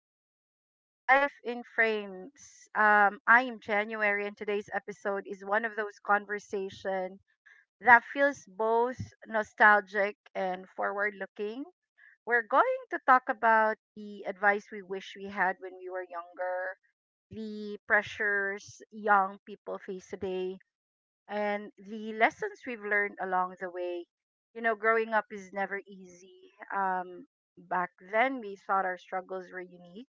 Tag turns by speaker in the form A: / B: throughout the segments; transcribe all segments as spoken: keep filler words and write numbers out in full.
A: back to Life in Frames. Um, I am January, and today's episode is one of those conversation that feels both nostalgic and forward-looking. We're going to talk about the advice we wish we had when we were younger, the pressures young people face today, and the lessons we've learned along the way. You know, growing up is never easy. Um, back then, we thought our struggles were unique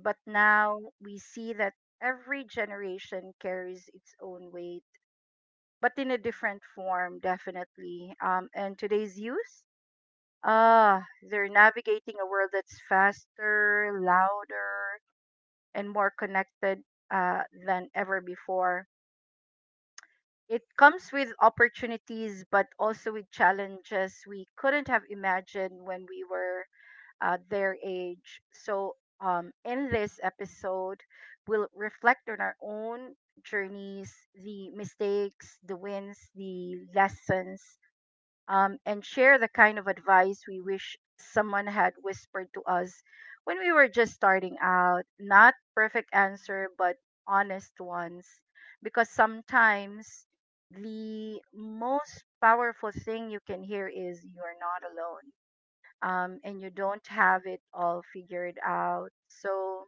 A: but now we see that every generation carries its own weight, but in a different form, definitely. Um, and today's youth, ah, they're navigating a world that's faster, louder, and more connected uh, than ever before. It comes with opportunities, but also with challenges we couldn't have imagined when we were uh, their age. So, um, in this episode, we'll reflect on our own journeys, the mistakes, the wins, the lessons, um, and share the kind of advice we wish someone had whispered to us when we were just starting out. Not perfect answer, but honest ones. Because sometimes the most powerful thing you can hear is you're not alone um, and you don't have it all figured out. So,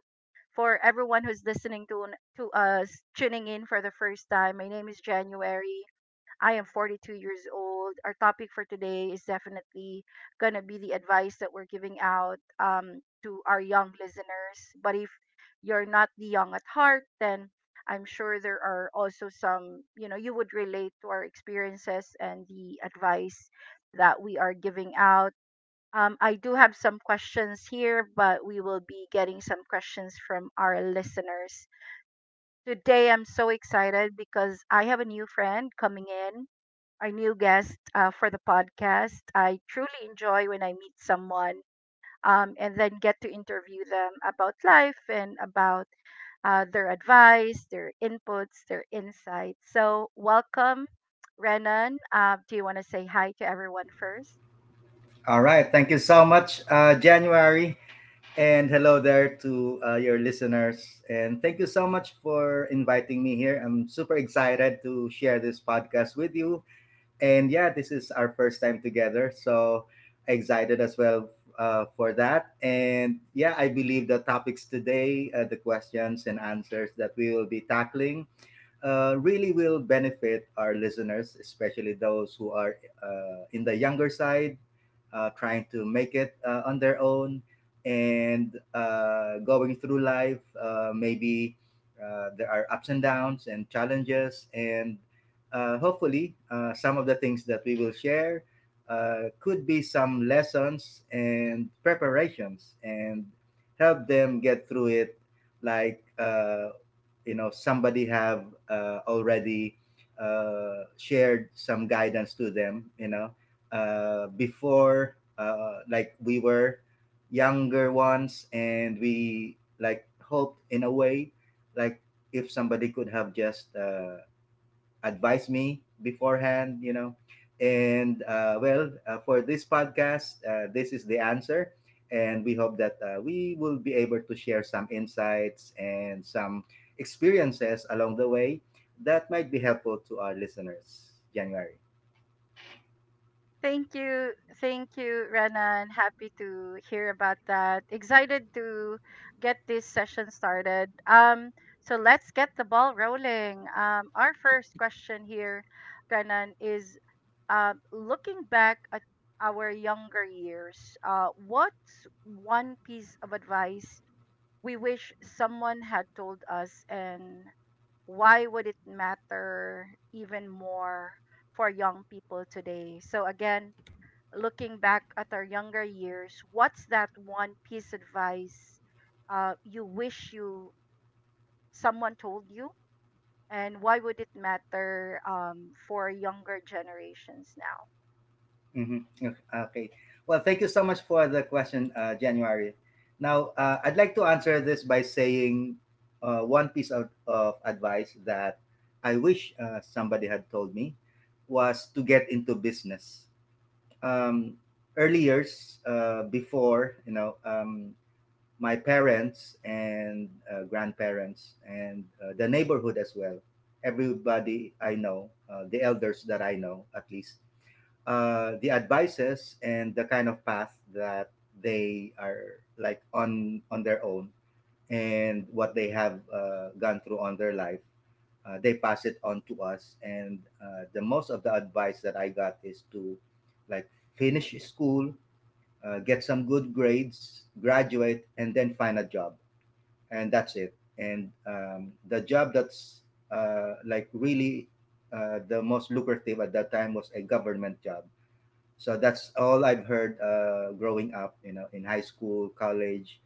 A: for everyone who's listening to to us tuning in for the first time, my name is January. I am forty-two years old. Our topic for today is definitely going to be the advice that we're giving out um, to our young listeners. But if you're not the young at heart, then I'm sure there are also some, you know, you would relate to our experiences and the advice that we are giving out. Um, I do have some questions here, but we will be getting some questions from our listeners. Today, I'm so excited because I have a new friend coming in, our new guest uh, for the podcast. I truly enjoy when I meet someone um, and then get to interview them about life and about uh, their advice, their inputs, their insights. So, welcome, Renan. Uh, do you want to say hi to everyone first?
B: All right. Thank you so much, uh, January. And hello there to uh, your listeners. And thank you so much for inviting me here. I'm super excited to share this podcast with you. And yeah, this is our first time together. So excited as well uh, for that. And yeah, I believe the topics today, uh, the questions and answers that we will be tackling uh, really will benefit our listeners, especially those who are uh, in the younger side, uh, trying to make it uh, on their own and uh, going through life. Uh, maybe uh, there are ups and downs and challenges, and uh, hopefully, uh, some of the things that we will share Uh, could be some lessons and preparations and help them get through it, like uh, you know, somebody have uh, already uh, shared some guidance to them, you know, uh, before, uh, like we were younger ones and we like hoped in a way, like if somebody could have just uh, advise me beforehand, you know. And uh, well, uh, for this podcast, uh, this is the answer. And we hope that uh, we will be able to share some insights and some experiences along the way that might be helpful to our listeners, January.
A: Thank you. Thank you, Renan. Happy to hear about that. Excited to get this session started. Um, so let's get the ball rolling. Um, our first question here, Renan, is uh, looking back at our younger years, uh, what's one piece of advice we wish someone had told us, and why would it matter even more for young people today? So, again, looking back at our younger years, what's that one piece advice uh, you wish you someone told you, and why would it matter um, for younger generations now?
B: Mhm. Okay. Okay. Well, thank you so much for the question, uh, January. Now, uh, I'd like to answer this by saying uh, one piece of, of advice that I wish uh, somebody had told me was to get into business. Um, Early years, uh, before, you know, um, my parents and uh, grandparents and uh, the neighborhood as well, everybody I know, uh, the elders that I know at least, uh, the advices and the kind of path that they are like on on their own, and what they have uh, gone through on their life, uh, they pass it on to us, and uh, the most of the advice that i got is to like finish school, uh, get some good grades, graduate, and then find a job, and that's it. And um, the job that's uh, like really uh, the most lucrative at that time was a government job. So that's all I've heard uh, growing up, you know, in high school, college,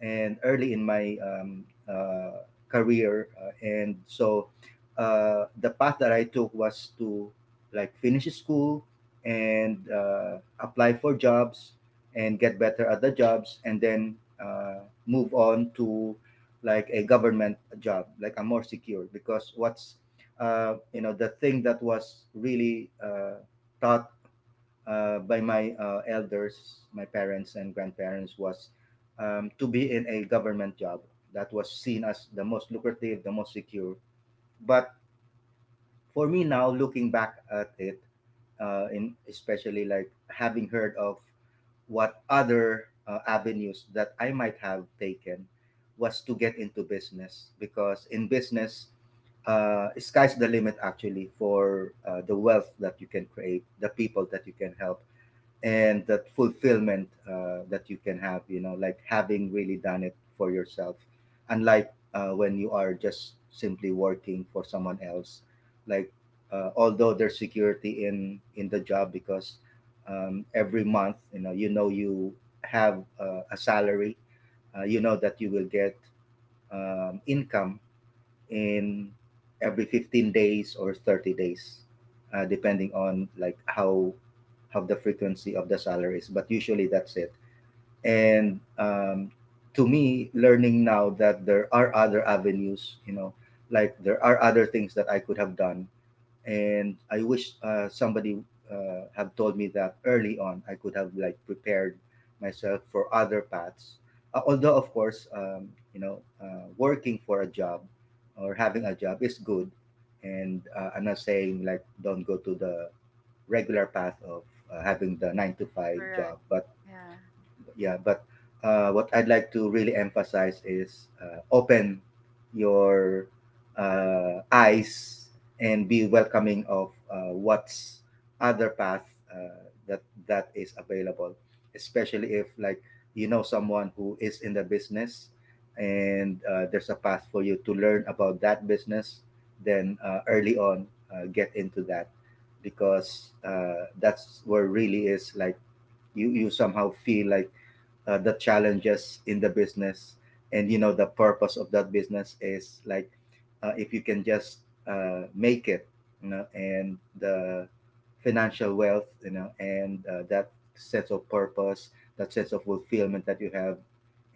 B: and early in my um, uh, career. Uh, and so uh, the path that I took was to like finish school and uh, apply for jobs and get better at the jobs and then uh, move on to like a government job, like a more secure. Because what's, uh, you know, the thing that was really uh, taught uh, by my uh, elders, my parents and grandparents, was um, to be in a government job. That was seen as the most lucrative, the most secure. But for me now, looking back at it, uh, in especially like having heard of what other uh, avenues that I might have taken, was to get into business, because in business, uh, sky's the limit actually for uh, the wealth that you can create, the people that you can help, and that fulfillment uh, that you can have, you know, like having really done it for yourself, unlike uh, when you are just simply working for someone else, like uh, although there's security in in the job, because um, every month, you know, you know you have uh, a salary, uh, you know that you will get um, income in every fifteen days or thirty days, uh, depending on like how how the frequency of the salary is, but usually that's it. And um, to me, learning now that there are other avenues, you know, like there are other things that i could have done, and I wish uh, somebody uh, have told me that early on. I could have like prepared myself for other paths. Uh, although of course, um, you know, uh, working for a job or having a job is good, and uh, I'm not saying like don't go to the regular path of uh, having the nine to five
A: Correct.
B: job, but
A: Yeah.
B: yeah, but uh, what I'd like to really emphasize is uh, open your uh, eyes and be welcoming of uh, what's other path uh, that that is available, especially if like you know someone who is in the business, and uh, there's a path for you to learn about that business, then uh, early on uh, get into that, because uh, that's where really is like you you somehow feel like uh, the challenges in the business, and you know the purpose of that business is like uh, if you can just uh, make it, you know, and the financial wealth, you know, and uh, that sense of purpose, that sense of fulfillment that you have,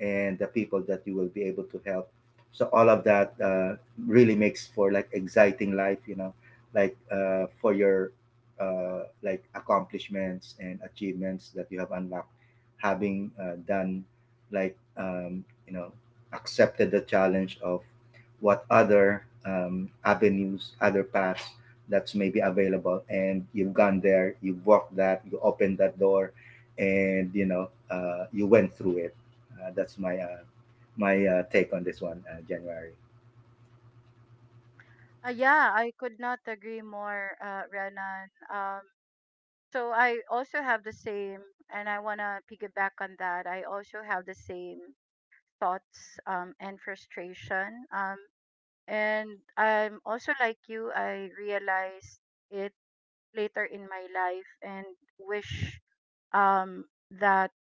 B: and the people that you will be able to help. So all of that uh, really makes for like exciting life, you know, like uh, for your uh, like accomplishments and achievements that you have unlocked, having uh, done like um, you know, accepted the challenge of what other um, avenues, other paths that's maybe available, and you've gone there, you've walked that, you opened that door, and you know uh, you went through it. Uh, that's my uh, my uh, take on this one, uh, January.
A: Uh, yeah, I could not agree more, uh, Renan. Um, so I also have the same, and I want to piggyback on that. I also have the same thoughts um, and frustration. Um, And I'm also like you, I realized it later in my life and wish um, that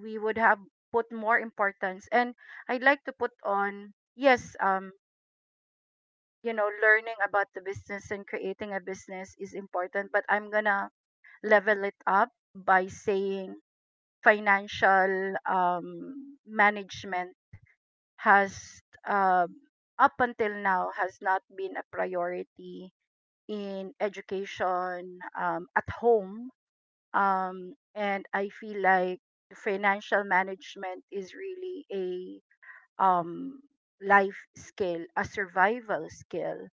A: we would have put more importance. And I'd like to put on, yes, um, you know, learning about the business and creating a business is important, but I'm gonna level it up by saying financial um, management has, uh, up until now, has not been a priority in education um, at home. Um, and I feel like financial management is really a um, life skill, a survival skill.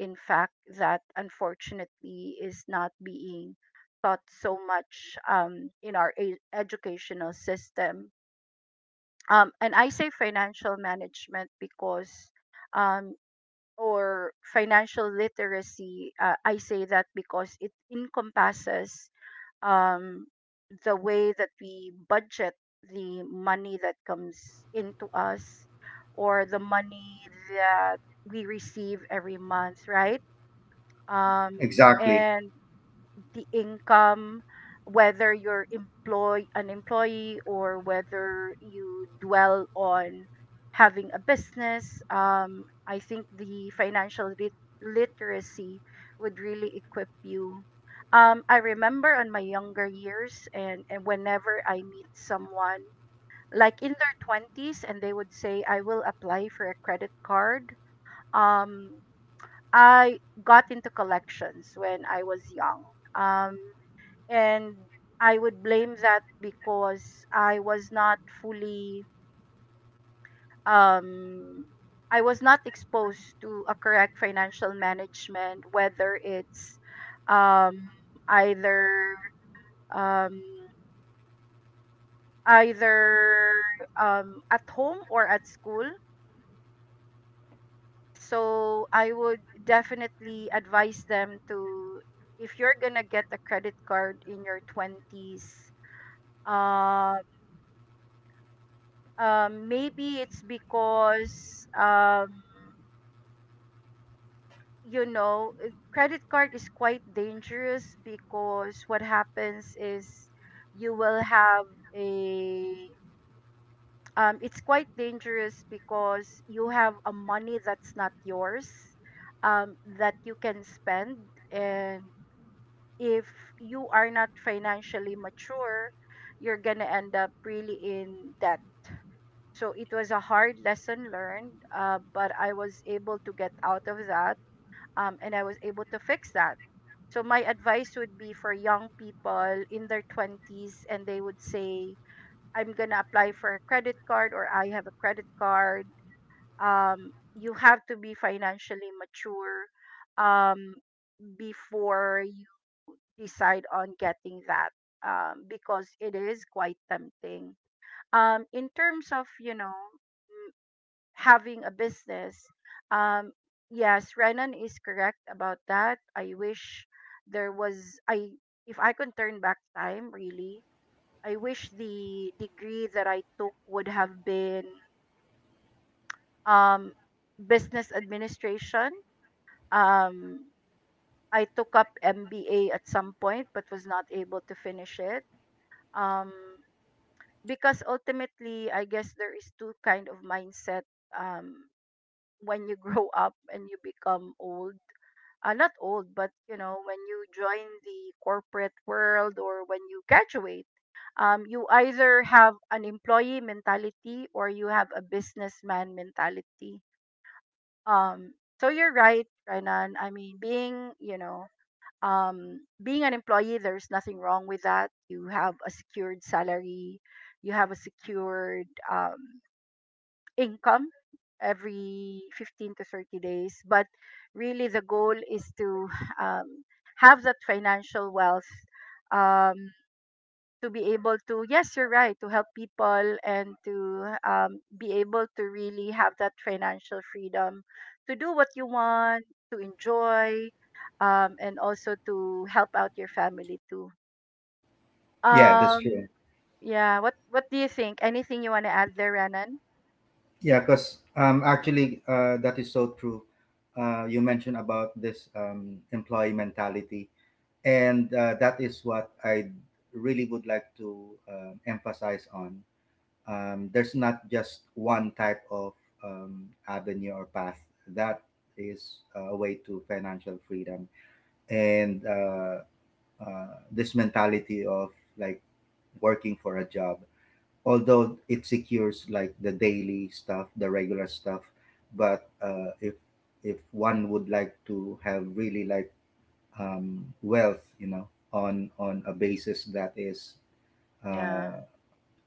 A: In fact, that unfortunately is not being taught so much um, in our e- educational system. Um, and I say financial management because um, or financial literacy, uh, I say that because it encompasses um, the way that we budget the money that comes into us or the money that we receive every month, right? Um,
B: Exactly.
A: and the income, whether you're employ an employee or whether you dwell on having a business. Um, I think the financial lit- literacy would really equip you. Um, I remember on my younger years and, and whenever I meet someone like in their twenties and they would say I will apply for a credit card. Um, I got into collections when I was young. Um, and I would blame that because I was not fully um I was not exposed to a correct financial management whether it's um either um either um at home or at school so I would definitely advise them to if you're going to get a credit card in your twenties um, maybe it's because um, you know uh, credit card is quite dangerous because what happens is you will have a um, it's quite dangerous because you have a money that's not yours um, that you can spend and if you are not financially mature you're gonna end up really in debt. So it was a hard lesson learned, uh, but I was able to get out of that um, and I was able to fix that. So my advice would be for young people in their twenties and they would say, I'm going to apply for a credit card or I have a credit card. Um, you have to be financially mature um, before you decide on getting that um, because it is quite tempting. Um, in terms of, you know, mm, having a business. Um, yes, Renan is correct about that. I wish there was I if I could turn back time really, I wish the degree that I took would have been um, business administration. Um, I took up M B A at some point but was not able to finish it. Um, because ultimately, I guess there is two kind of mindset um, when you grow up and you become old, uh, not old, but you know, when you join the corporate world or when you graduate, um, you either have an employee mentality or you have a businessman mentality. Um, so you're right, Renan. I mean, being you know, um, being an employee, there's nothing wrong with that. You have a secured salary, you have a secured um, income every fifteen to thirty days but really the goal is to um, have that financial wealth um, to be able to yes you're right to help people and to um, be able to really have that financial freedom to do what you want to enjoy, um, and also to help out your family too.
B: Yeah, that's
A: um,
B: true.
A: yeah, what what do you think, anything you want to add there, Renan?
B: Yeah, because um, actually, uh, that is so true. Uh, you mentioned about this um, employee mentality, and uh, that is what I really would like to uh, emphasize on. Um, there's not just one type of um, avenue or path that is uh, a way to financial freedom, and uh, uh, this mentality of like working for a job, although it secures like the daily stuff, the regular stuff. But uh, if if one would like to have really like um, wealth, you know, on on a basis that is
A: Yeah.
B: uh,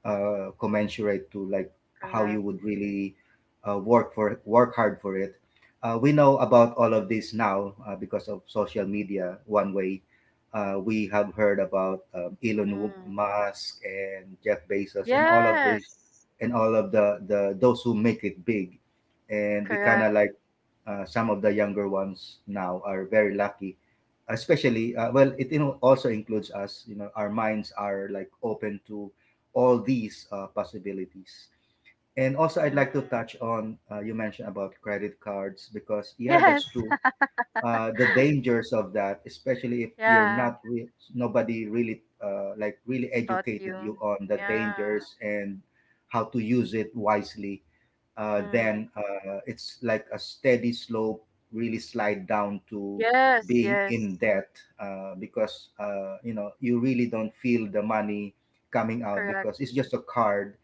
B: uh, commensurate to like how you
A: Correct.
B: would really uh, work for work hard for it. Uh, we know about all of this now uh, because of social media. One way uh, we have heard about um, Elon Musk and Jeff Bezos and all of this,
A: Yes.
B: and all of the the those who make it big, and we kind
A: Correct.
B: of like uh, some of the younger ones now are very lucky, especially uh, well it you know, also includes us, you know, our minds are like open to all these uh, possibilities. And also i'd
A: Mm.
B: like to touch on uh, you mentioned about credit cards, because yeah,
A: Yes.
B: that's true, uh, the dangers of that, especially if you're
A: Yeah.
B: not re- nobody really uh, like really
A: Taught you.
B: educated you on the
A: Yeah.
B: dangers and how to use it wisely, uh, then
A: Mm.
B: uh, it's like a steady slope, really slide down to
A: Yes.
B: being
A: Yes.
B: in debt, uh, because uh, you know you really don't feel the money coming out
A: Correct.
B: because it's just a card,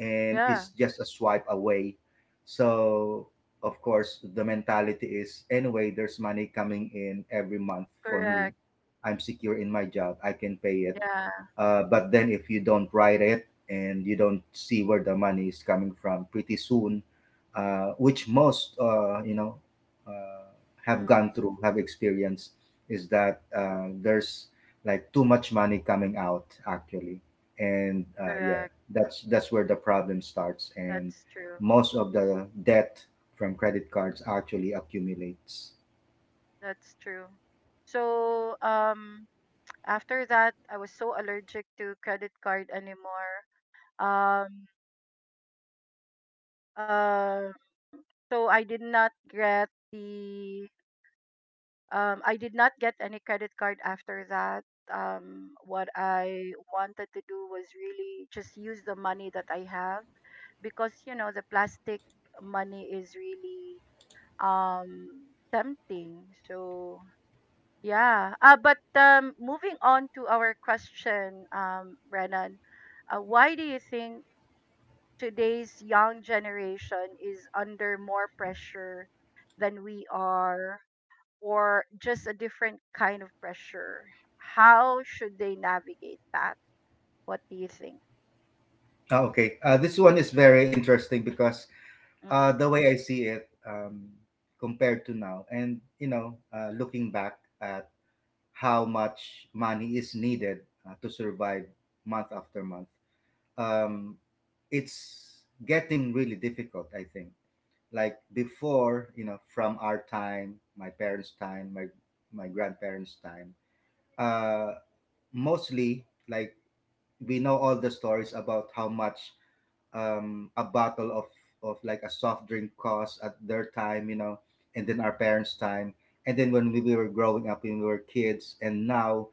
B: and
A: Yeah.
B: it's just a swipe away. So of course the mentality is, anyway, there's money coming in every month for me.
A: Correct.
B: I'm secure in my job. I can pay it,
A: Yeah.
B: uh, but then if you don't write it and you don't see where the money is coming from pretty soon, uh, which most uh, you know uh, have
A: Mm.
B: gone through, have experienced, is that uh, there's like too much money coming out actually, and uh, yeah,
A: Correct.
B: that's that's where the problem starts, and
A: That's true.
B: most of the debt from credit cards actually accumulates.
A: That's true. So um after that I was so allergic to credit card anymore. Um uh so I did not get the Um, I did not get any credit card after that. Um, what I wanted to do was really just use the money that I have because you know the plastic money is really um tempting. So yeah. Uh, but um, moving on to our question, um, Renan, uh, why do you think today's young generation is under more pressure than we are or just a different kind of pressure? How should they navigate that? What do you think?
B: Ah, okay, uh, this one is very interesting because Uh,
A: Mm.
B: the way I see it, um, compared to now, and you know, uh, looking back at how much money is needed uh, to survive month after month, um, it's getting really difficult. I think, like before, you know, from our time, my parents' time, my my grandparents' time, uh, mostly like we know all the stories about how much um, a bottle of of like a soft drink cost at their time, you know, and then our parents' time, and then when we were growing up, when we were kids, and now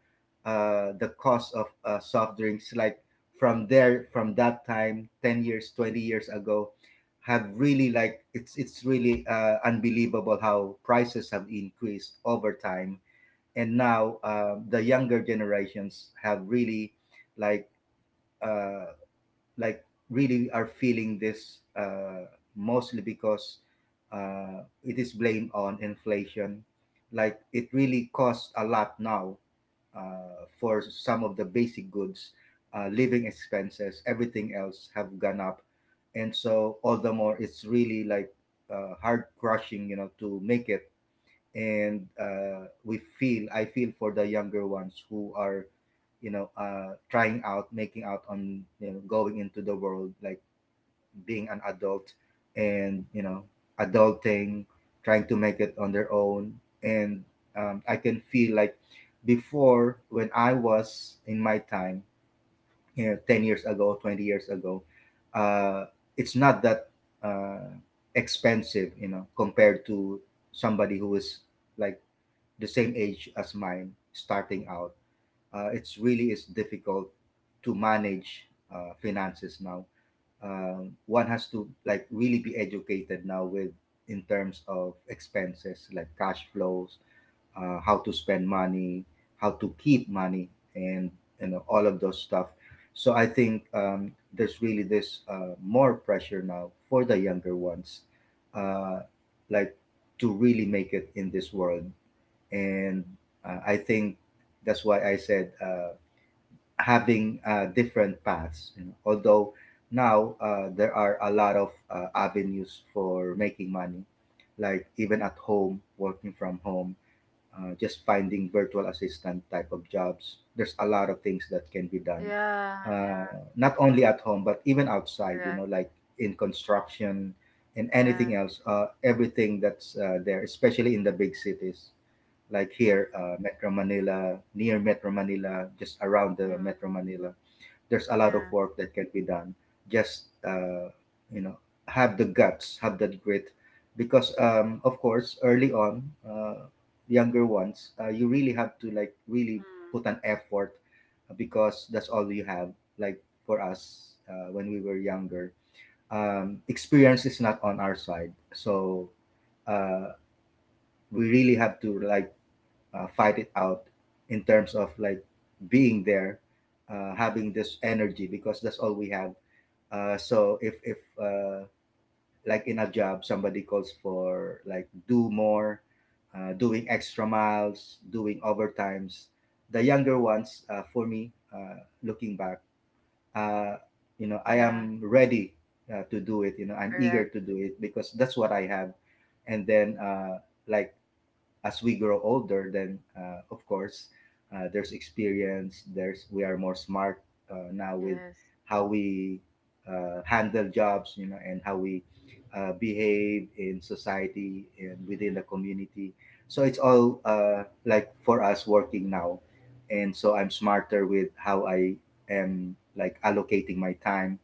B: uh, the cost of uh, soft drinks, like from there, from that time, ten years, twenty years ago, have really like it's it's really uh, unbelievable how prices have increased over time, and now uh, the younger generations have really like. Uh, like really are feeling this, uh, mostly because uh, it is blamed on inflation. Like it really costs a lot now, uh, for some of the basic goods, uh, living expenses, everything else have gone up, and so all the more it's really like uh, hard crushing, you know, to make it. And uh, we feel I feel for the younger ones who are you know uh, trying out making out on you know going into the world, like being an adult and you know adulting, trying to make it on their own. And um, I can feel like before when I was in my time, you know, ten years ago, twenty years ago, uh, it's not that uh, expensive, you know, compared to somebody who is like the same age as mine starting out. Uh, it's really is difficult to manage uh, finances now. Um, one has to like really be educated now with in terms of expenses like cash flows, uh, how to spend money, how to keep money, and you know all of those stuff. So I think, um, there's really this uh, more pressure now for the younger ones, uh, like to really make it in this world. And uh, I think that's why I said, uh, having uh, different paths. You know? Although now, uh, there are a lot of uh, avenues for making money, like even at home, working from home, uh, just finding virtual assistant type of jobs. There's a lot of things that can be done,
A: Yeah,
B: uh,
A: yeah,
B: not only at home but even outside. You know,
A: correct.
B: like in construction and
A: Yeah.
B: anything else. Uh, everything that's uh, there, especially in the big cities, like
A: Mm,
B: here, uh, Metro Manila, near Metro Manila, just around the
A: mm,
B: Metro Manila, there's a lot of
A: yeah.
B: work that can be done. Just uh, you know, have the guts, have that grit, because um, of course, early on, uh, younger ones, uh, you really have to like really
A: Mm,
B: put an effort, uh, because that's all you have. Like for us, uh, when we were younger, um, experience is not on our side, so uh, we really have to like uh, fight it out in terms of like being there, uh, having this energy because that's all we have. Uh, so if if uh, like in a job somebody calls for like do more, uh, doing extra miles, doing overtimes, the younger ones, uh, for me, uh, looking back, uh, you know I
A: yeah,
B: am ready, uh, to do it. You know I'm eager
A: correct.
B: to do it because that's what I have, and then uh, like as we grow older, then uh, of course uh, there's experience. There's we are more smart uh, now with
A: Yes.
B: how we uh, handle jobs, you know, and how we uh, behave in society and within the community. So it's all uh, like for us working now, and so I'm smarter with how I am like allocating my time.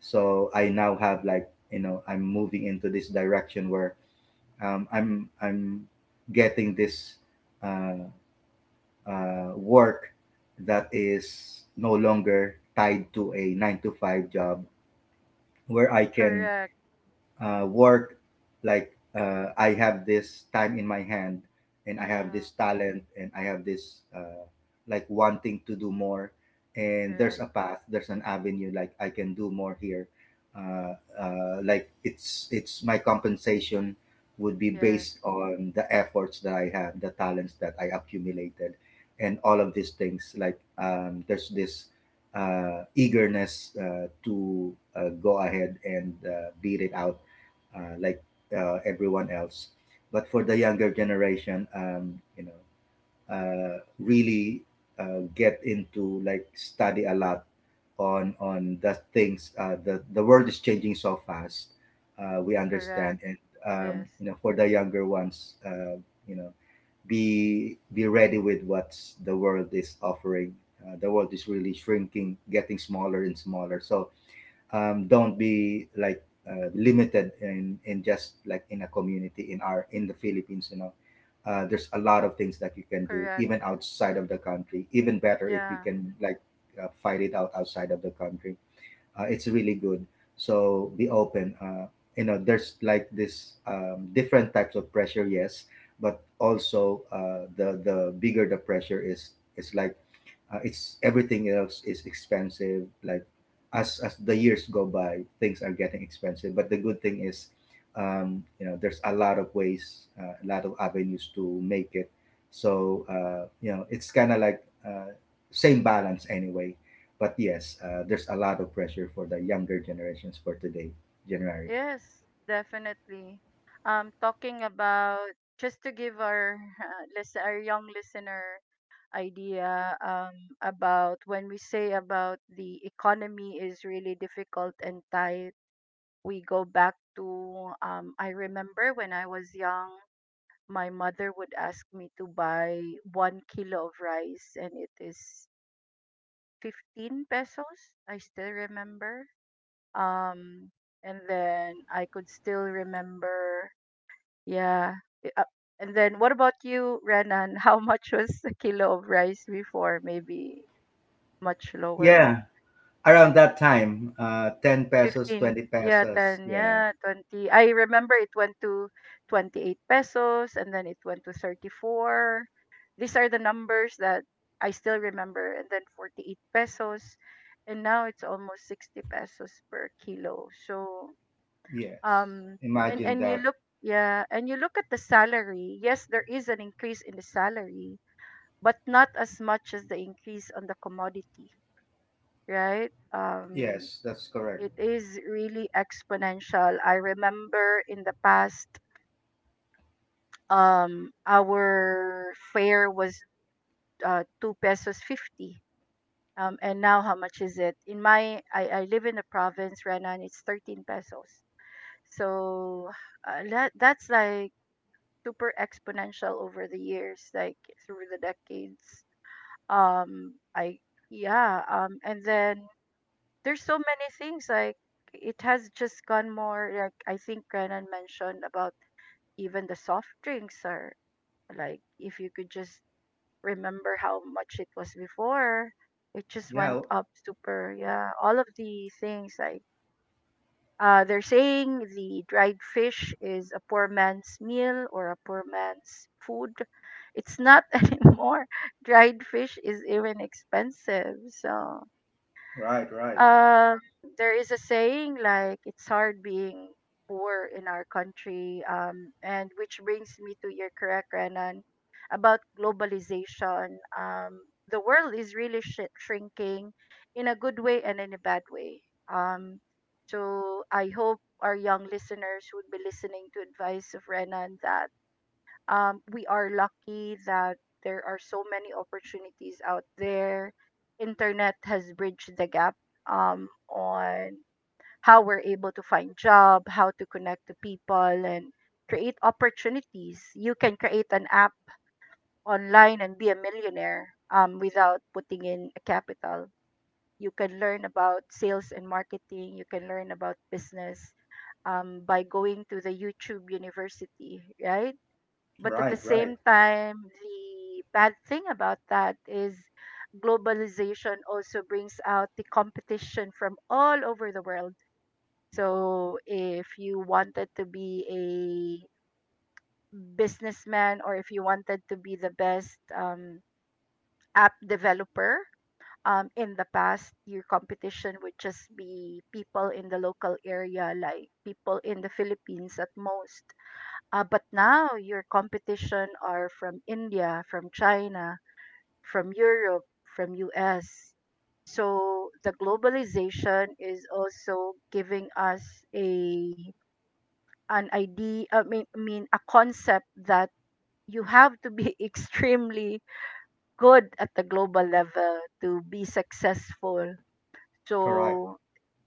B: So I now have like you know I'm moving into this direction where um, I'm I'm getting this uh, uh, work that is no longer tied to a nine to five job, where I can
A: Correct.
B: uh, work. Like uh, I have this time in my hand and I have
A: Mm,
B: this talent and I have this, uh, like, wanting to do more, and there's
A: correct.
B: a path, there's an avenue like I can do more here. Uh, uh, like it's it's my compensation would be
A: Yes.
B: based on the efforts that I have, the talents that I accumulated, and all of these things. Like um, there's this uh, eagerness uh, to uh, go ahead and uh, beat it out, uh, like uh, everyone else. But for the younger generation, um, you know, uh, really uh, get into like study a lot on on the things. Uh, the the world is changing so fast. Uh, we understand,
A: Correct.
B: and um,
A: Yes.
B: you know, for the younger ones, uh, you know, be be ready with what the world is offering. Uh, the world is really shrinking, getting smaller and smaller. So um, don't be like uh, limited in in just like in a community in our in the Philippines. You know, uh, there's a lot of things that you can do
A: Correct.
B: even outside of the country. Even better if you
A: Yeah.
B: can like uh, fight it out outside of the country. Uh, it's really good. So be open. Uh, you know, there's like this um, different types of pressure. Yes, but also uh, the the bigger the pressure is, is like uh, it's everything else is expensive. Like as as the years go by, things are getting expensive. But the good thing is, um, you know, there's a lot of ways, uh, a lot of avenues to make it. So uh, you know, it's kind of like uh, same balance anyway. But yes, uh, there's a lot of pressure for the younger generations for today, January.
A: Yes, definitely. Um talking about, just to give our uh, listen, our young listener idea um, about when we say about the economy is really difficult and tight. We go back to, um, I remember when I was young, my mother would ask me to buy one kilo of rice, and it is fifteen pesos. I still remember. Um, and then I could still remember, yeah. i- uh, And then what about you, Renan? How much was a kilo of rice before? Maybe much lower.
B: Yeah, around that time, uh, ten pesos,
A: fifteen,
B: twenty
A: yeah, ten,
B: pesos. Yeah,
A: yeah, twenty. I remember it went to twenty-eight pesos and then it went to thirty-four. These are the numbers that I still remember. And then forty-eight pesos. And now it's almost sixty pesos per kilo. So,
B: yes.
A: um, and,
B: Imagine
A: and you
B: that.
A: look, yeah, and you look at the salary. Yes, there is an increase in the salary, but not as much as the increase on the commodity, right? Um,
B: Yes, that's correct.
A: It is really exponential. I remember in the past, um, our fare was uh, two pesos fifty. Um, and now how much is it? In my, I, I live in the province, Renan. It's thirteen pesos. So uh, that that's like super exponential over the years, like through the decades. Um, I yeah. Um, and then there's so many things like it has just gone more like I think Renan mentioned about even the soft drinks are like if you could just remember how much it was before, it just went
B: Yeah,
A: up super yeah. All of the things like uh they're saying the dried fish is a poor man's meal or a poor man's food. It's not anymore. Dried fish is even expensive. So
B: right, right,
A: Um, there is a saying like it's hard being poor in our country, um, and which brings me to your correct, Renan, about globalization. Um, the world is really sh- shrinking in a good way and in a bad way. Um, so I hope our young listeners would be listening to advice of Renan that um, we are lucky that there are so many opportunities out there. Internet has bridged the gap um, on how we're able to find job, how to connect to people, and create opportunities. You can create an app online and be a millionaire um, without putting in a capital. You can learn about sales and marketing. You can learn about business um, by going to the YouTube University, right? But at the
B: right, right,
A: same time, the bad thing about that is globalization also brings out the competition from all over the world. So if you wanted to be a businessman or if you wanted to be the best um, app developer, um, in the past, your competition would just be people in the local area, like people in the Philippines at most. Uh, but now your competition are from India, from China, from Europe, from U S. So the globalization is also giving us a an idea, I mean, I mean a concept that you have to be extremely good at the global level to be successful.
B: correct,
A: So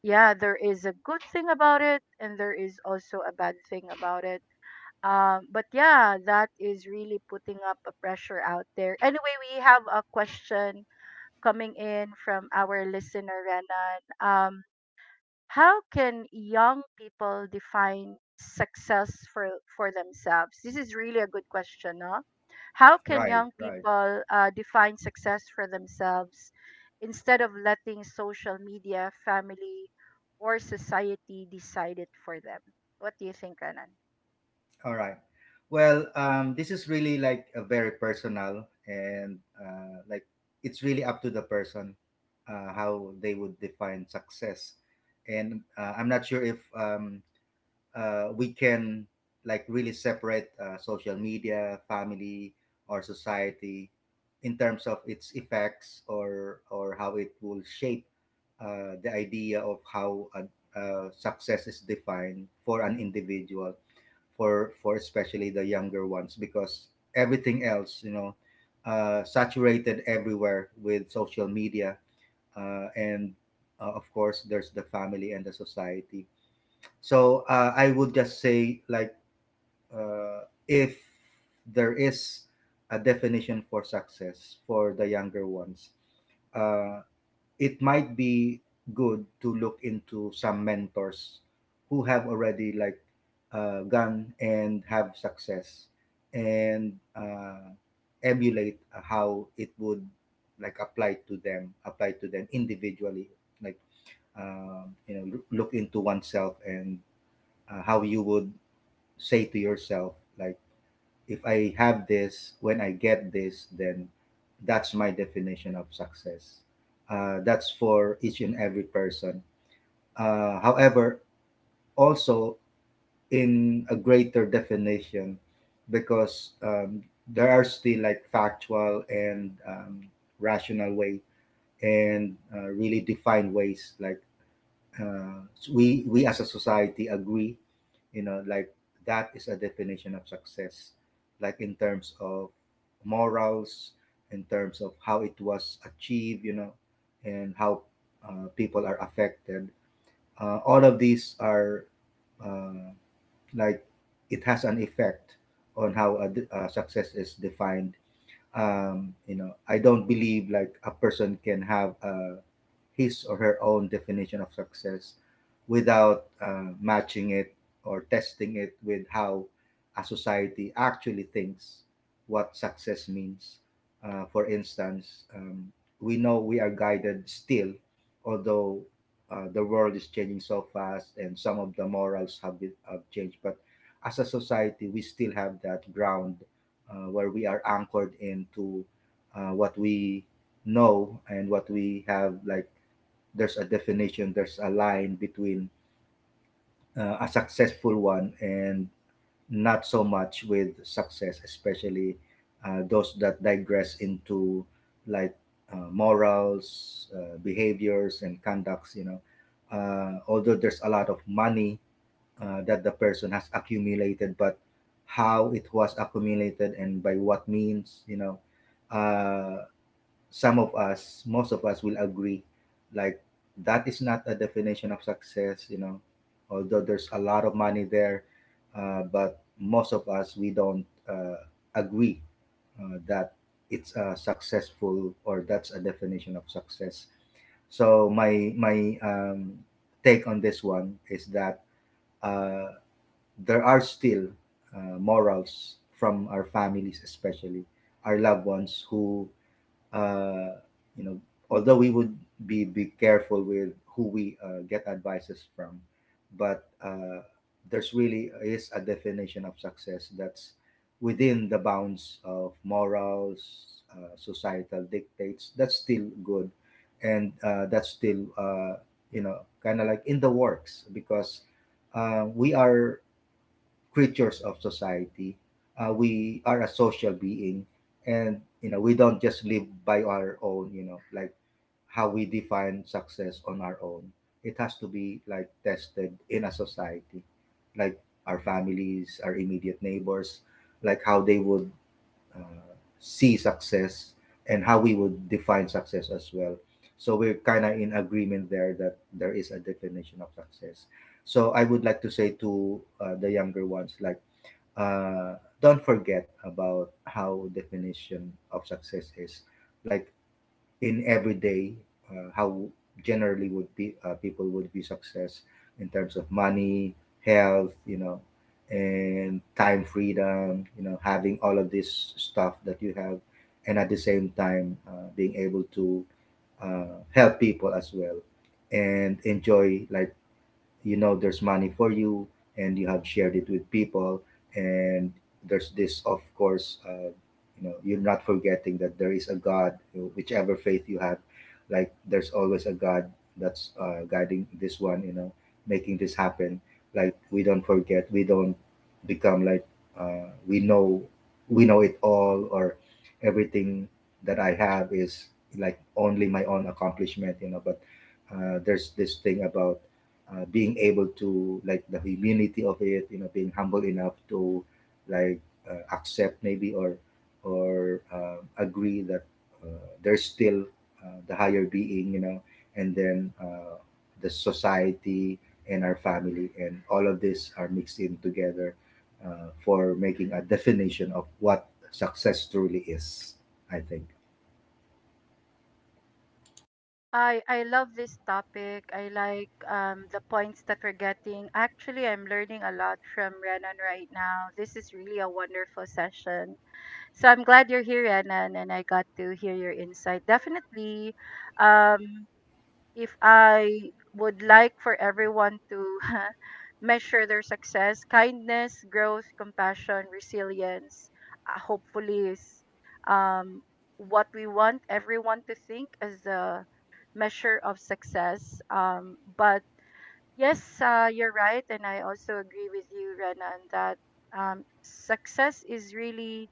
A: yeah, there is a good thing about it and there is also a bad thing about it um, but yeah, that is really putting up a pressure out there. Anyway, we have a question coming in from our listener, Renan. Um, how can young people define success for, for themselves? This is really a good question, no? How can
B: right,
A: young
B: right,
A: people uh, define success for themselves instead of letting social media, family, or society decide it for them? What do you think, Renan?
B: all right. Well, um, this is really like a very personal and, uh, like, it's really up to the person uh, how they would define success. And uh, I'm not sure if, um, uh, we can like really separate uh, social media, family, or society in terms of its effects, or or how it will shape uh, the idea of how uh, uh, success is defined for an individual, for for especially the younger ones, because everything else, you know, uh, saturated everywhere with social media, uh, and uh, of course there's the family and the society. So uh, I would just say, like, uh, if there is a definition for success for the younger ones, uh, it might be good to look into some mentors who have already like uh, gone and have success, and uh, emulate how it would like apply to them, apply to them individually, like um, you know, loo- look into oneself and uh, how you would say to yourself, like, if I have this, when I get this, then that's my definition of success. Uh, that's for each and every person. Uh, however, also, in a greater definition, because um, there are still like factual and um, rational way, and uh, really defined ways, like, uh, we we as a society agree, you know, like that is a definition of success, like in terms of morals, in terms of how it was achieved, you know, and how uh, people are affected. Uh, all of these are uh, like it has an effect on how a, d- uh, success is defined. Um, you know, I don't believe like a person can have a his or her own definition of success without uh, matching it or testing it with how a society actually thinks what success means. Uh, for instance, um, we know we are guided still, although uh, the world is changing so fast and some of the morals have, been, have changed. But as a society, we still have that ground uh, where we are anchored into uh, what we know and what we have. Like there's a definition, there's a line between uh, a successful one and not so much with success, especially uh, those that digress into like uh, morals, uh, behaviors, and conducts. You know, uh, although there's a lot of money uh, that the person has accumulated, but how it was accumulated and by what means, you know. Uh, some of us, most of us will agree, like that is not a definition of success, you know, although there's a lot of money there, uh, but most of us, we don't uh, agree uh, that it's a successful, or that's a definition of success. So my my um, take on this one is that uh, there are still uh, morals from our families, especially our loved ones, who, uh, you know, although we would be be careful with who we uh, get advices from, but uh, there's really is a definition of success that's within the bounds of morals, uh, societal dictates. That's still good, and uh, that's still uh, you know kind of like in the works, because uh, we are creatures of society. Uh, we are a social being, and you know we don't just live by our own. You know, like how we define success on our own. It has to be like tested in a society, like our families, our immediate neighbors, like how they would uh, see success and how we would define success as well. So we're kind of in agreement there that there is a definition of success. So I would like to say to uh, the younger ones, like, uh, don't forget about how definition of success is. Like, in everyday uh, how generally would be uh, people would be success in terms of money, health, you know, and time freedom, you know, having all of this stuff that you have, and at the same time uh, being able to uh, help people as well and enjoy, like, you know, there's money for you and you have shared it with people. And there's this, of course, uh, you know, you're not forgetting that there is a god, whichever faith you have. Like, there's always a god that's uh, guiding this one, you know, making this happen. Like, we don't forget we don't become like uh, we know, we know it all, or everything that I have is like only my own accomplishment, you know. But uh, there's this thing about uh, being able to, like, the humility of it, you know, being humble enough to, like, uh, accept maybe, or or uh, agree that uh, there's still uh, the higher being, you know. And then uh, the society and our family and all of this are mixed in together uh, for making a definition of what success truly is, I think.
A: I I love this topic. I like um the points that we're getting. Actually, I'm learning a lot from Renan right now. This is really a wonderful session. So I'm glad you're here, Renan, and I got to hear your insight. Definitely, um, if I would like for everyone to measure their success, kindness, growth, compassion, resilience, uh, hopefully is um what we want everyone to think as the measure of success. Um, but yes, uh, you're right, and I also agree with you, Rena, on that um, success is really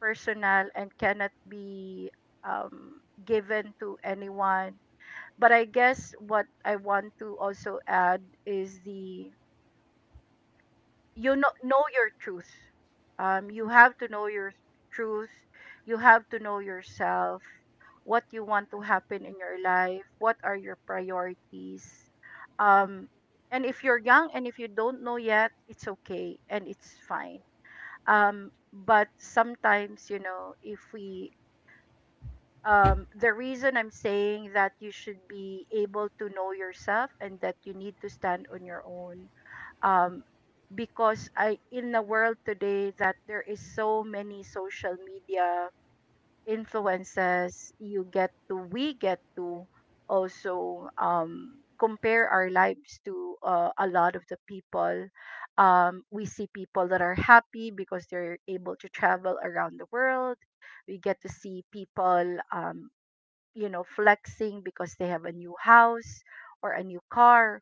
A: personal and cannot be um, given to anyone. But I guess what I want to also add is the you know know your truth. Um, you have to know your truth. You have to know yourself. What you want to happen in your life, what are your priorities. Um, and if you're young and if you don't know yet, it's okay and it's fine. Um, but sometimes, you know, if we, um, the reason I'm saying that you should be able to know yourself and that you need to stand on your own, um, because I in the world today that there is so many social media influences you get to we get to also um, compare our lives to uh, a lot of the people. um, we see people that are happy because they're able to travel around the world. We get to see people um, you know flexing because they have a new house or a new car,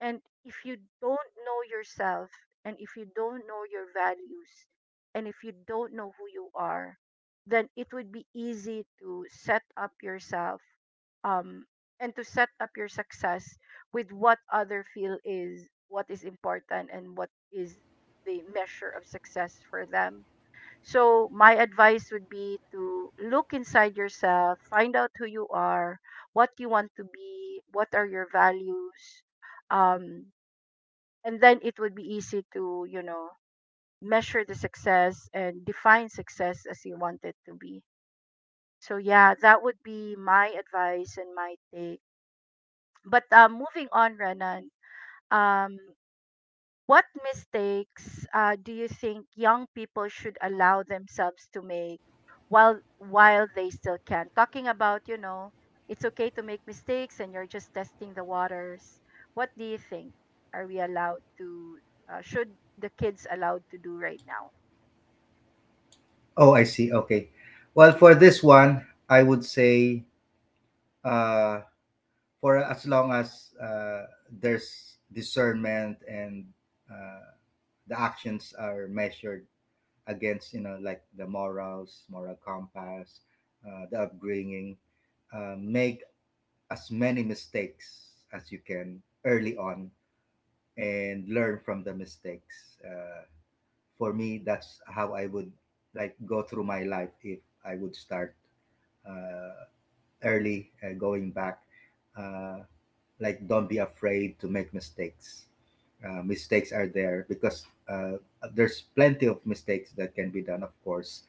A: and if you don't know yourself, and if you don't know your values, and if you don't know who you are, then it would be easy to set up yourself um, and to set up your success with what other feel is what is important and what is the measure of success for them. So my advice would be to look inside yourself, find out who you are, what you want to be, what are your values, um, and then it would be easy to you know measure the success and define success as you want it to be. So yeah, that would be my advice and my take. But uh, moving on, Renan. Um, What mistakes uh, do you think young people should allow themselves to make while while they still can? Talking about, you know, it's okay to make mistakes and you're just testing the waters. What do you think? Are we allowed to? Uh, should the kids allowed to do right now?
B: Oh, I see. Okay. Well, for this one, I would say uh for as long as uh, there's discernment and uh, the actions are measured against, you know, like the morals moral compass, uh, the upbringing, uh, make as many mistakes as you can early on and learn from the mistakes. Uh, for me, that's how I would, like, go through my life. If I would start uh, early, uh, going back, uh, like, don't be afraid to make mistakes. Uh, mistakes are there because uh, there's plenty of mistakes that can be done, of course,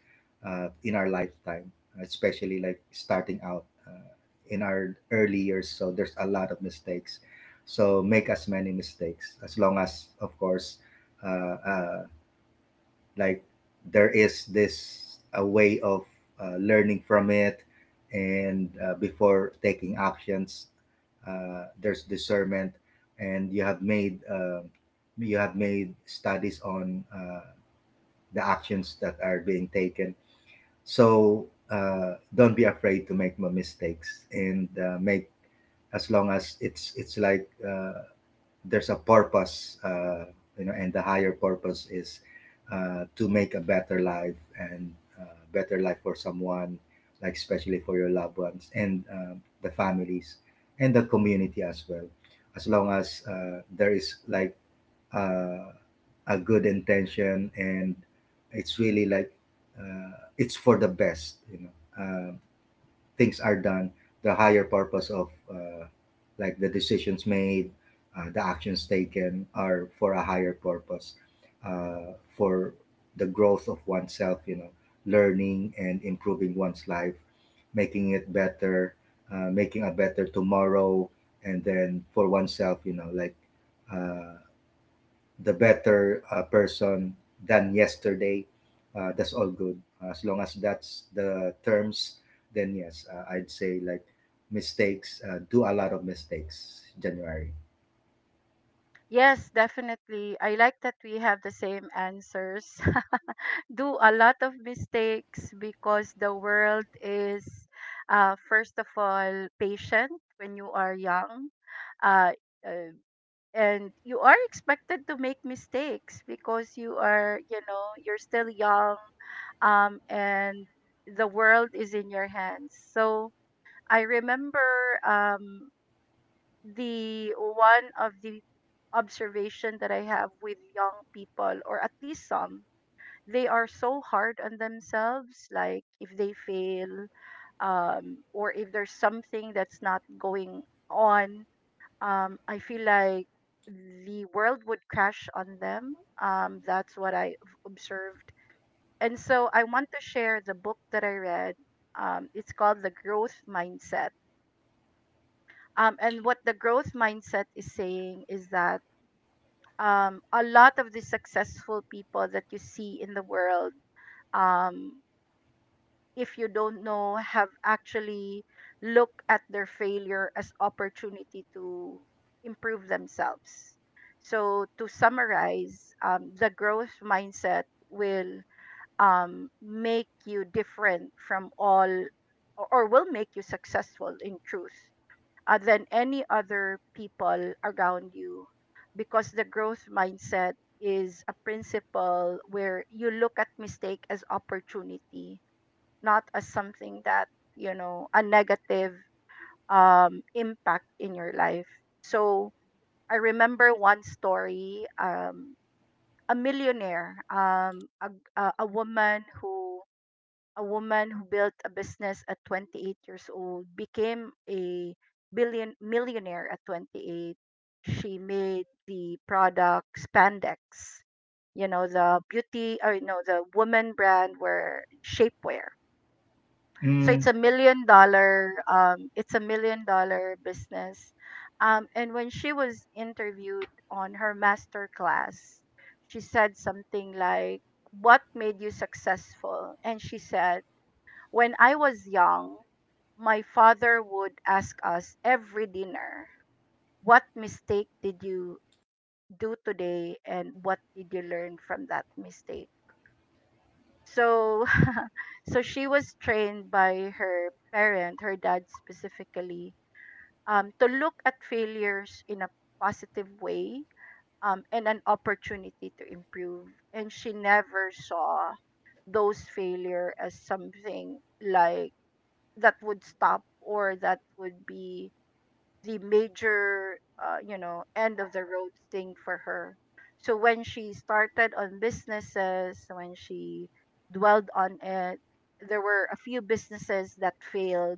B: uh, in our lifetime, especially like starting out uh, in our early years, so there's a lot of mistakes. So make as many mistakes, as long as, of course, uh, uh, like, there is this a way of uh, learning from it, and uh, before taking actions, uh, there's discernment and you have made uh, you have made studies on uh, the actions that are being taken. So uh, don't be afraid to make m- mistakes, and uh, make, as long as it's it's like, uh, there's a purpose, uh, you know, and the higher purpose is uh, to make a better life, and uh, better life for someone, like especially for your loved ones and uh, the families and the community as well. As long as uh, there is, like, uh, a good intention, and it's really like uh, it's for the best, you know. Um, Things are done, the higher purpose of uh, like the decisions made, uh, the actions taken are for a higher purpose, uh, for the growth of oneself, you know, learning and improving one's life, making it better, uh, making a better tomorrow, and then for oneself, you know, like, uh, the better uh, person than yesterday. Uh, that's all good. As long as that's the terms, then yes, uh, I'd say, like, mistakes, uh, do a lot of mistakes, January.
A: Yes, definitely. I like that we have the same answers. Do a lot of mistakes because the world is uh, first of all patient when you are young, uh, uh, and you are expected to make mistakes because you are you know you're still young, um, and the world is in your hands. So I remember um, the one of the observation that I have with young people or at least some, they are so hard on themselves like if they fail, um or if there's something that's not going on, um I feel like the world would crash on them. um that's what I observed. And so I want to share the book that I read. um it's called The Growth Mindset. um and what The Growth Mindset is saying is that um a lot of the successful people that you see in the world, um if you don't know, have actually looked at their failure as opportunity to improve themselves. So to summarize, um, the growth mindset will um, make you different from all, or or will make you successful in truth uh, than any other people around you, because the growth mindset is a principle where you look at mistake as opportunity, not as something that you know a negative um, impact in your life. So I remember one story, um, a millionaire, um, a, a, a woman who a woman who built a business at twenty-eight years old, became a billion millionaire at twenty-eight. She made the product spandex you know, the beauty or you know the woman brand where shapewear. So it's
B: Mm,
A: a million dollar, um it's a million dollar business. Um and when she was interviewed on her master class, she said something like, what made you successful? And she said, "When I was young, my father would ask us every dinner, 'What mistake did you do today and what did you learn from that mistake?'" So so she was trained by her parent her dad specifically, um to look at failures in a positive way, um and an opportunity to improve. And she never saw those failure as something like that would stop or that would be the major uh, you know, end of the road thing for her. So when she started on businesses, when she dwelled on it, there were a few businesses that failed,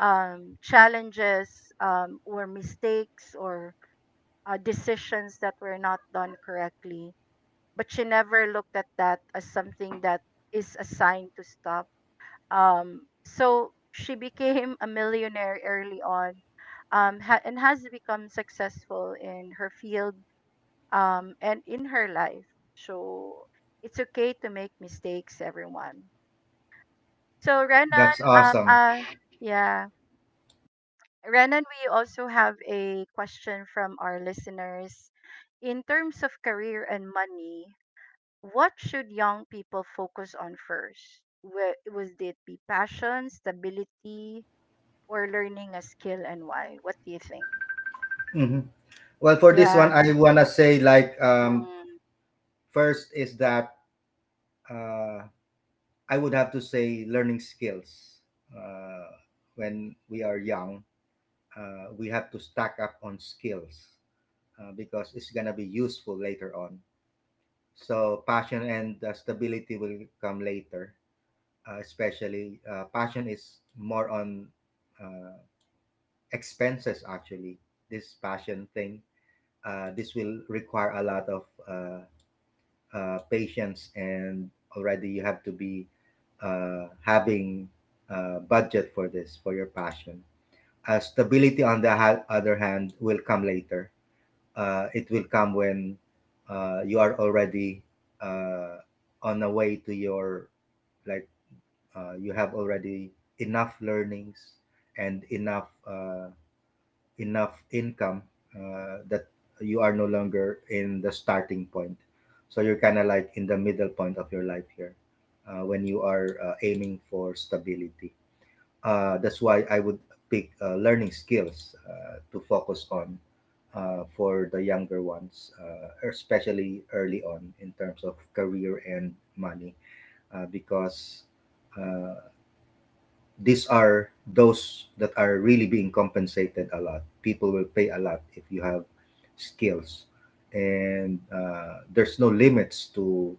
A: um, challenges, um, or mistakes, or uh, decisions that were not done correctly. But she never looked at that as something that is a sign to stop. Um, so she became a millionaire early on, um, ha- and has become successful in her field, um, and in her life. So it's okay to make mistakes, everyone. So Renan,
B: that's
A: um,
B: awesome.
A: uh, yeah, Renan, we also have a question from our listeners. In terms of career and money, what should young people focus on first? Wh- Would it be passion, stability, or learning a skill, and why? What do you think?
B: Mhm. Well, for this
A: Yeah.
B: one, I want to say, like, um,
A: Mm,
B: first is that uh, I would have to say learning skills. Uh, when we are young, uh, we have to stack up on skills uh, because it's going to be useful later on. So passion and uh, stability will come later. Uh, especially uh, passion is more on uh, expenses, actually. This passion thing, uh, this will require a lot of uh, uh, patience, and already you have to be uh, having a budget for this, for your passion. Uh, stability, on the ha- other hand, will come later. Uh, it will come when uh, you are already uh, on the way to your, like, uh, you have already enough learnings and enough uh, enough income uh, that you are no longer in the starting point, so you're kind of like in the middle point of your life here uh, when you are uh, aiming for stability. Uh, that's why I would pick uh, learning skills uh, to focus on uh, for the younger ones, uh, especially early on in terms of career and money, uh, because. Uh, these are those that are really being compensated a lot. People will pay a lot if you have skills. And uh, there's no limits to,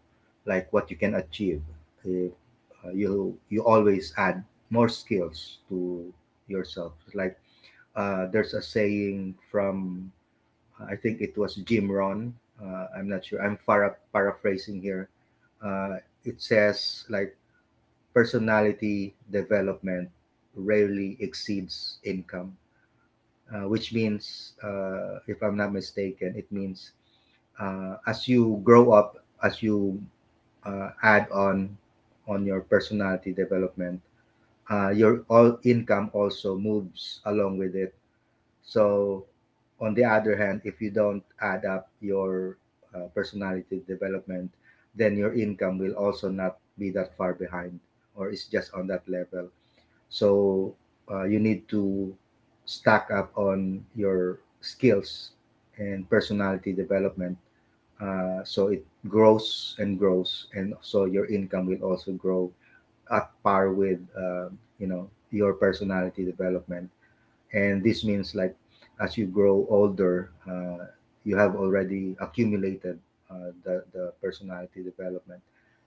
B: like, what you can achieve. If uh, you you always add more skills to yourself. Like, uh, there's a saying from, I think it was Jim Ron. Uh, I'm not sure. I'm para- paraphrasing here. Uh, it says, like, personality development rarely exceeds income, uh, which means, uh, if I'm not mistaken, it means uh, as you grow up, as you uh, add on on your personality development, uh, your all income also moves along with it. So, on the other hand, if you don't add up your uh, personality development, then your income will also not be that far behind, or is just on that level. So uh, you need to stack up on your skills and personality development. Uh, so it grows and grows, and so your income will also grow at par with uh, you know, your personality development. And this means, like, as you grow older, uh, you have already accumulated uh, the the personality development,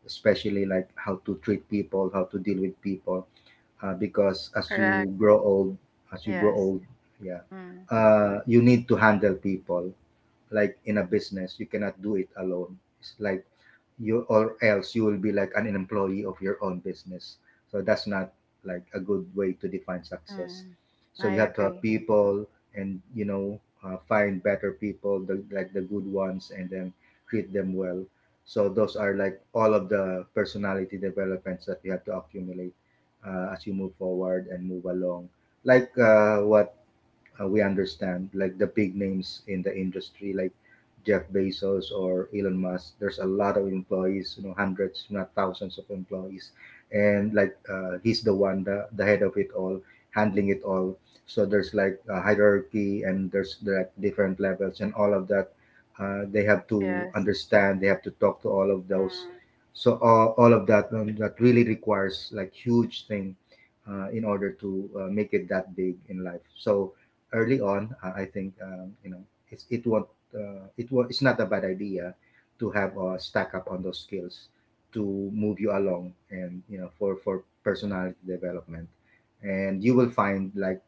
B: especially like how to treat people, how to deal with people uh, because as
A: correct.
B: you grow old, as you grow
A: Yes.
B: old, yeah,
A: Mm,
B: uh, you need to handle people. Like, in a business, you cannot do it alone. It's like you, or else you will be like an employee of your own business, so that's not, like, a good way to define success.
A: mm,
B: So
A: I
B: you have to
A: agree.
B: have people, and you know, uh, find better people, the, like the good ones, and then treat them well. So those are, like, all of the personality developments that you have to accumulate uh, as you move forward and move along, like, uh, what uh, we understand, like, the big names in the industry, like Jeff Bezos or Elon Musk, there's a lot of employees, you know, hundreds if not thousands of employees. And like, uh, he's the one, the, the head of it all, handling it all. So there's, like, a hierarchy, and there's, like, different levels and all of that. Uh, they have to
A: Yes.
B: understand, they have to talk to all of those.
A: Mm.
B: So all, all of that um, that really requires, like, huge thing uh, in order to uh, make it that big in life. So early on, uh, I think, um, you know, it's, it won't uh, it will, it's not a bad idea to have a stack up on those skills to move you along, and you know, for for personality development, and you will find, like,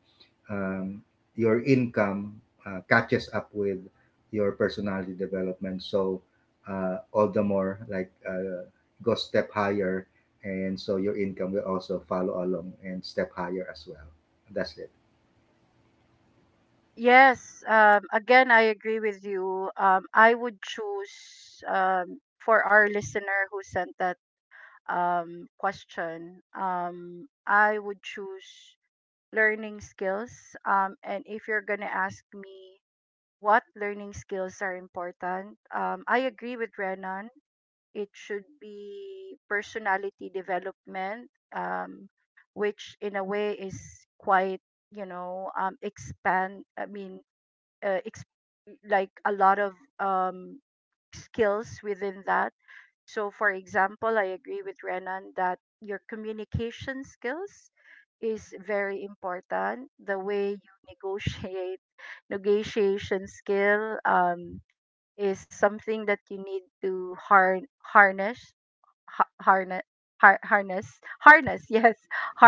B: um, your income uh, catches up with your personality development. So uh, all the more, like, uh, go step higher, and so your income will also follow along and step higher as well. That's it.
A: Yes. Um, again, I agree with you. Um, I would choose um, for our listener who sent that um, question, um, I would choose learning skills. Um, and if you're going to ask me what learning skills are important, um, I agree with Renan it should be personality development, um, which in a way is quite, you know, um, expand. I mean, uh, ex- like a lot of um, skills within that. So, for example, I agree with Renan that your communication skills is very important. The way you negotiate, negotiation skill um, is something that you need to har- harness, harness har- harness harness yes,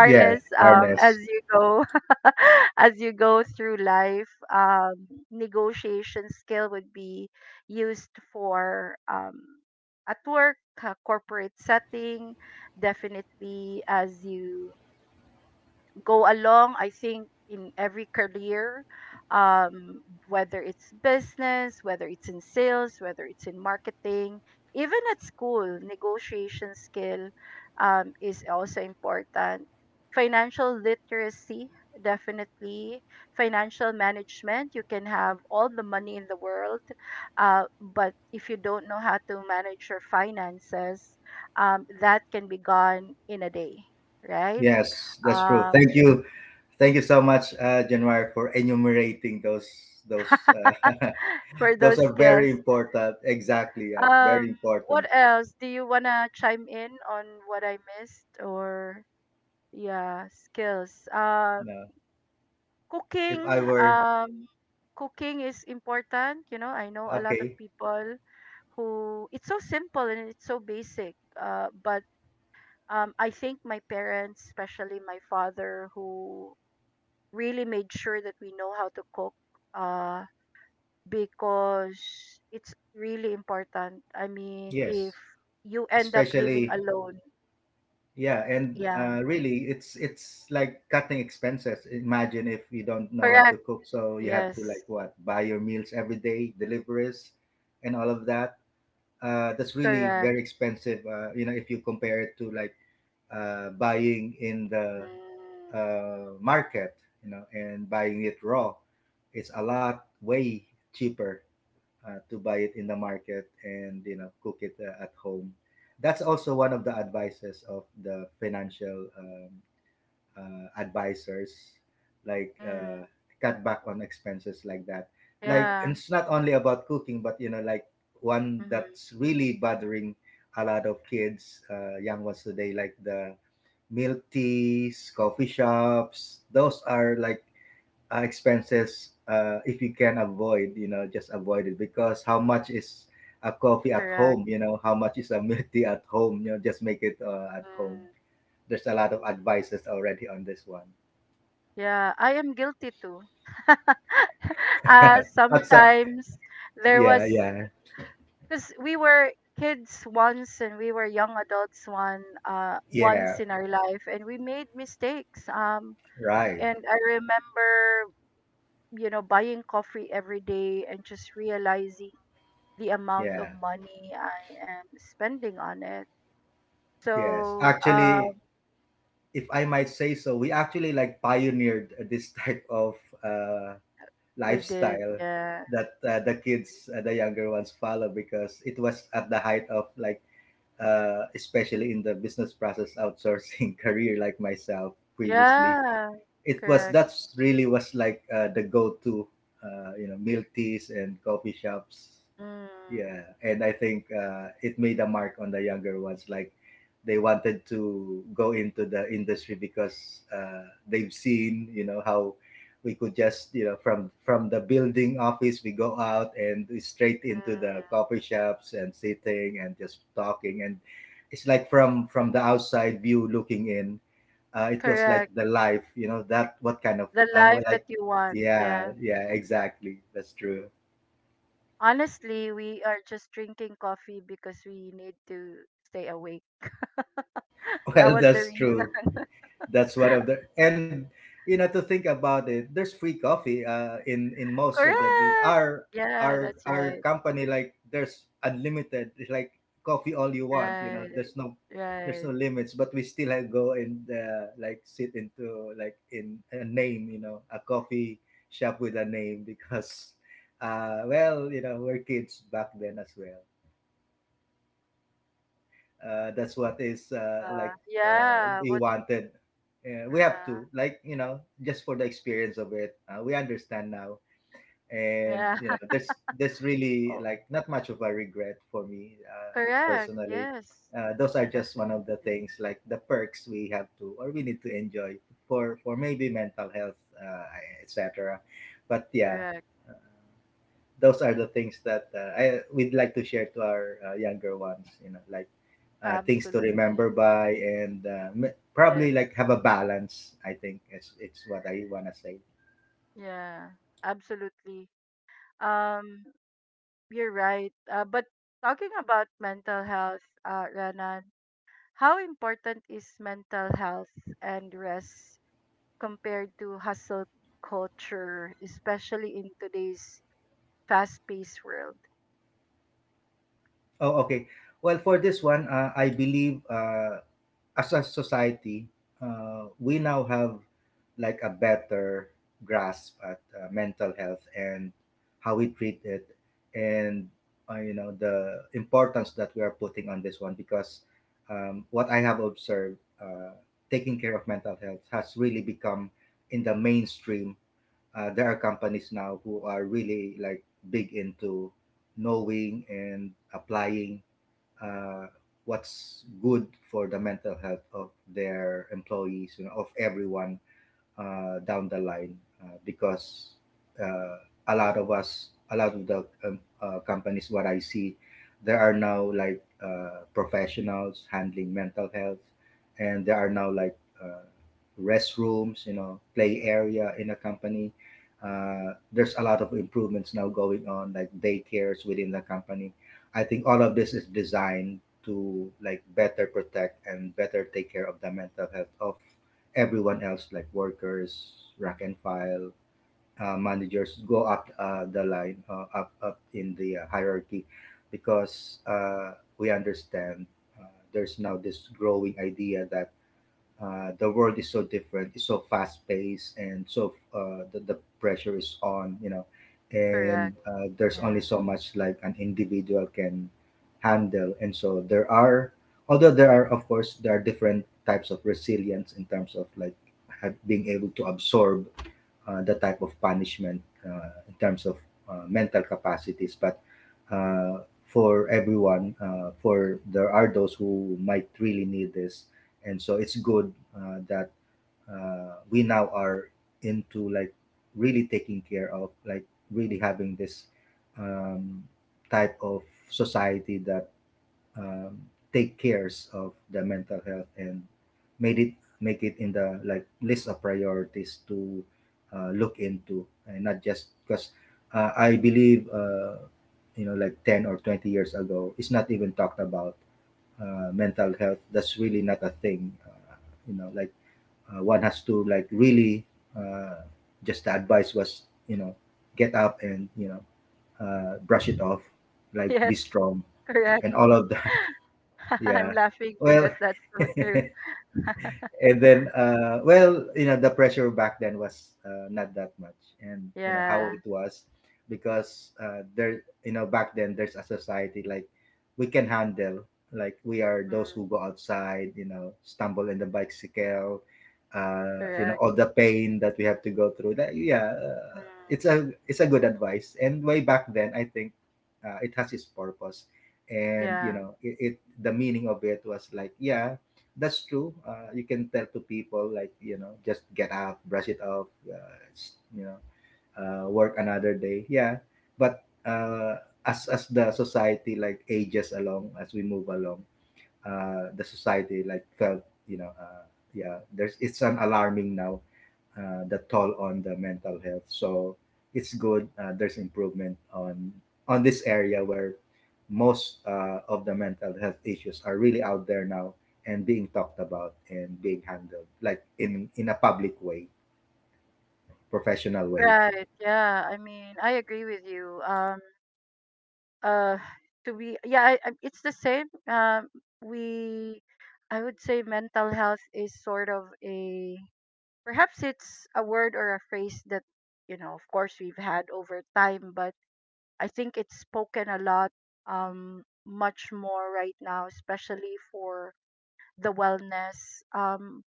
B: Yeah,
A: um as
B: harness.
A: you go as you go through life. um negotiation skill would be used for um at work, uh, corporate setting, definitely. As you go along, I think, in every career, um, whether it's business, whether it's in sales, whether it's in marketing, even at school, negotiation skill um, is also important. Financial literacy, definitely. Financial management, you can have all the money in the world, uh, but if you don't know how to manage your finances, um, that can be gone in a day, right?
B: Yes, that's true.
A: Um,
B: Thank you. Thank you so much, uh, January, for enumerating those those uh,
A: for
B: those
A: those
B: are very
A: skills.
B: important. Exactly, yeah, very
A: Um, what
B: important.
A: else? Do you wanna chime in on what I missed or yeah, skills? Uh,
B: You know,
A: cooking.
B: if I were
A: Um, cooking is important. You know, I know a lot of
B: okay,
A: people who it's so simple and it's so basic. Uh, but um, I think my parents, especially my father, who really made sure that we know how to cook. Uh, because it's really important. I mean, if
B: yes,
A: you end up living
B: especially
A: alone,
B: yeah, and
A: yeah,
B: uh, really, it's it's like cutting expenses. Imagine if you don't know how to
A: correct.
B: cook, so you have to, like,
A: Yes,
B: what, buy your meals every day, deliveries, and all of that. Uh, that's really
A: correct.
B: very expensive. Uh, you know, if you compare it to, like, uh, buying in the
A: Mm,
B: uh, market, you know, and buying it raw, it's a lot way cheaper uh, to buy it in the market and, you know, cook it uh, at home. That's also one of the advices of the financial um, uh, advisors, like,
A: mm,
B: uh, cut back on expenses like that. Like,
A: yeah,
B: and it's not only about cooking, but you know, like, one
A: mm-hmm,
B: that's really bothering a lot of kids, uh, young ones today, like the milk teas, coffee shops. Those are, like, uh, expenses. Uh, if you can avoid, you know, just avoid it, because how much is a coffee at
A: correct.
B: home? You know, how much is a milk tea at home? You know, just make it uh, at home.
A: Mm,
B: There's a lot of advices already on this one.
A: yeah, I am guilty too. uh,
B: That's a,
A: sometimes there was
B: yeah, yeah,
A: because we were kids once and we were young adults one uh once
B: yeah,
A: in our life and we made mistakes um
B: right.
A: and I remember you know, buying coffee every day and just realizing the amount of
B: Yeah,
A: money I am spending on it.
B: yes.
A: So,
B: Actually,
A: um,
B: if I might say so, we actually, like, pioneered this type of uh,
A: we did,
B: lifestyle
A: yeah.
B: that uh, the kids, uh, the younger ones, follow, because it was at the height of, like, uh, especially in the business process outsourcing career, like myself previously,
A: Yeah,
B: it was,
A: correct.
B: that's really was like uh, the go-to uh, you know, milk teas and coffee shops.
A: Mm,
B: Yeah, and I think uh, it made a mark on the younger ones. Like, they wanted to go into the industry because uh, they've seen, you know, how we could just, you know, from from the building office, we go out and straight into the
A: mm,
B: coffee shops and sitting and just talking. And it's like, from from the outside view looking in, uh, it was
A: correct.
B: like the life, you know, that what kind of
A: The
B: uh, well,
A: life that
B: like,
A: you want,
B: yeah,
A: yeah.
B: yeah, exactly. That's true.
A: Honestly, we are just drinking coffee because we need to stay awake. That
B: Well,
A: was the
B: that's
A: reason.
B: true. That's one of the, and you know, to think about it, there's free coffee uh, in in most of the bu-
A: Correct.
B: our
A: Yeah,
B: our
A: that's
B: our
A: right.
B: company. Like, there's unlimited. It's like coffee all you want. You know,
A: Right.
B: there's no there's no
A: Right.
B: limits. But we still have go and uh, like sit into, like, in a name. You know, a coffee shop with a name, because uh, well, you know, we're kids back then as well. Uh, that's what is, uh,
A: Uh,
B: like, uh,
A: yeah,
B: we
A: what.
B: wanted. Uh, we have
A: Yeah.
B: to, like, you know, just for the experience of it. Uh, we understand now, and
A: Yeah.
B: you know there's there's really
A: Oh,
B: like not much of a regret for me uh,
A: correct.
B: personally.
A: Yes.
B: Uh, those are just one of the
A: Definitely.
B: things like the perks we have to or we need to enjoy for for maybe mental health uh, et cetera. But yeah,
A: Correct.
B: those are the things that uh, I would like to share to our uh, younger ones. You know, like uh, things to remember
A: Absolutely.
B: by and uh, m- probably
A: Yes.
B: like have a balance. I think it's it's what I want to say.
A: Yeah. Absolutely. Um, you're right. Uh, but talking about mental health, uh, Renan, how important is mental health and rest compared to hustle culture, especially in today's fast-paced world?
B: Oh, okay. Well, for this one, uh, I believe uh, as a society, uh, we now have like a better grasp at uh, mental health and how we treat it, and uh, you know the importance that we are putting on this one. Because um, what I have observed, uh, taking care of mental health has really become in the mainstream. Uh, there are companies now who are really like big into knowing and applying uh, what's good for the mental health of their employees, you know, of everyone uh, down the line, uh, because uh, a lot of us, a lot of the um, uh, companies, what I see, there are now like uh, professionals handling mental health, and there are now like uh, restrooms, you know, play area in a company. Uh, there's a lot of improvements now going on, like daycares within the company. I think all of this is designed to like better protect and better take care of the mental health of everyone else, like workers, rack and file, uh, managers, go up uh, the line, uh, up up in the uh, hierarchy, because uh, we understand uh, there's now this growing idea that uh, the world is so different, it's so fast paced, and so uh, the, the pressure is on, you know. And
A: Correct.
B: uh, there's only
A: Yeah.
B: so much like an individual can handle. And so there are, although there are, of course there are different types of resilience in terms of like have, being able to absorb uh, the type of punishment uh, in terms of uh, mental capacities. But uh, for everyone, uh, for there are those who might really need this, and so it's good uh, that uh, we now are into like really taking care of, like really having this um, type of society that um, take cares of the mental health and made it make it in the like list of priorities to uh, look into. And not just because uh, I believe uh, you know like ten or twenty years ago it's not even talked about. Uh, mental health, that's really not a thing. Uh, you know like uh, one has to like really uh, just the advice was, you know, get up, and you know, uh, brush it off, like be
A: Yes.
B: strong
A: Correct.
B: and all of that.
A: I'm
B: Yeah.
A: laughing because
B: Well,
A: that's so true.
B: and then uh well you know the pressure back then was uh, not that much, and you know
A: Yeah.
B: how it was. Because uh there, you know, back then there's a society like we can handle, like we are those
A: Mm,
B: who go outside, you know, stumble in the bicycle, uh you know,
A: correct.
B: all the pain that we have to go through. That, yeah, uh,
A: Mm,
B: it's a it's a good advice, and way back then I think uh, it has its purpose. And you
A: yeah.
B: know it, it the meaning of it was like, yeah, that's true. Uh, you can tell to people like you know, just get up, brush it off, uh, s- you know, uh, work another day. Yeah, but uh, as as the society like ages along, as we move along, uh, the society like felt, you know, uh, yeah, there's it's an alarming now uh, the toll on the mental health. So it's good uh, there's improvement on on this area where most uh, of the mental health issues are really out there now, and being talked about and being handled like in in a public way, professional way.
A: Right. Yeah. I mean, I agree with you. Um. Uh. To be. Yeah. I, I, it's the same. Um. We. I would say mental health is sort of a. Perhaps it's a word or a phrase that, you know, of course, we've had over time, but I think it's spoken a lot. Um. Much more right now, especially for the wellness. Um,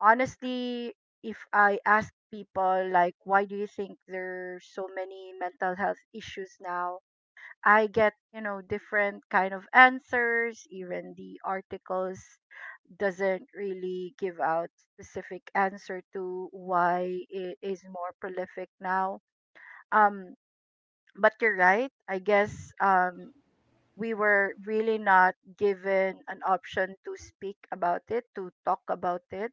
A: honestly, if I ask people like why do you think there's so many mental health issues now, I get, you know, different kind of answers. Even the articles doesn't really give out specific answer to why it is more prolific now. Um but you're right. I guess um we were really not given an option to speak about it, to talk about it,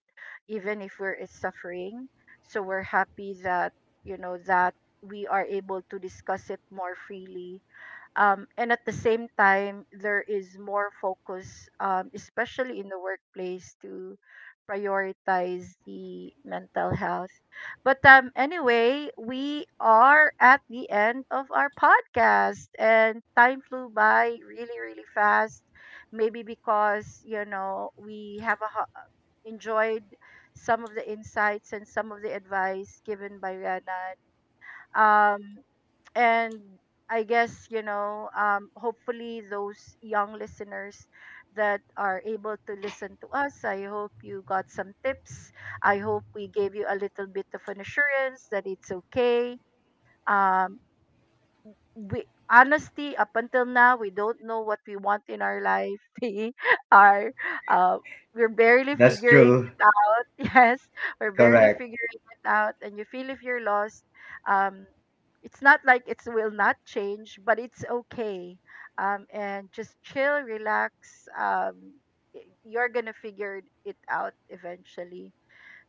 A: even if we're is suffering. So we're happy that, you know, that we are able to discuss it more freely, um, and at the same time there is more focus, um, especially in the workplace, to prioritize the mental health. But um, anyway, we are at the end of our podcast and time flew by really really fast, maybe because, you know, we have a, ho- enjoyed some of the insights and some of the advice given by Rana, um, and I guess, you know, um, hopefully those young listeners that are able to listen to us, I hope you got some tips. I hope we gave you a little bit of an assurance that it's okay. Um, we honestly up until now we don't know what we want in our life. We are uh, we're barely
B: That's
A: figuring
B: true.
A: it out. Yes, we're barely
B: Correct.
A: figuring it out and you feel if you're lost. um it's not like it will not change, but it's okay. um and just chill, relax. um y- you're gonna figure it out eventually,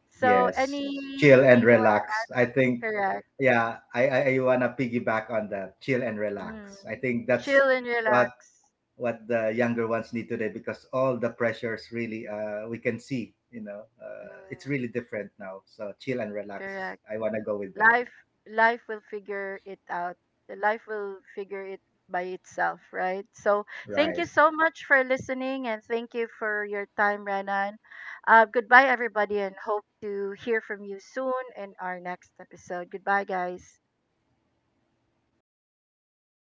A: so
B: Yes. Chill and
A: anything you want to
B: relax. I think
A: correct.
B: yeah, I, I, I wanna piggyback on that. Chill and relax. I
A: Mm,
B: think that's
A: chill and
B: what
A: relax.
B: what the younger ones need today, because all the pressures really uh, we can see, you know, uh, it's
A: Mm.
B: really different now. So chill and relax,
A: Correct.
B: I want to go with that
A: Life Life will figure it out. The life will figure it by itself, right? So thank you
B: right.
A: so much for listening and thank you for your time, Renan. Uh, goodbye everybody and hope to hear from you soon in our next episode. Goodbye guys.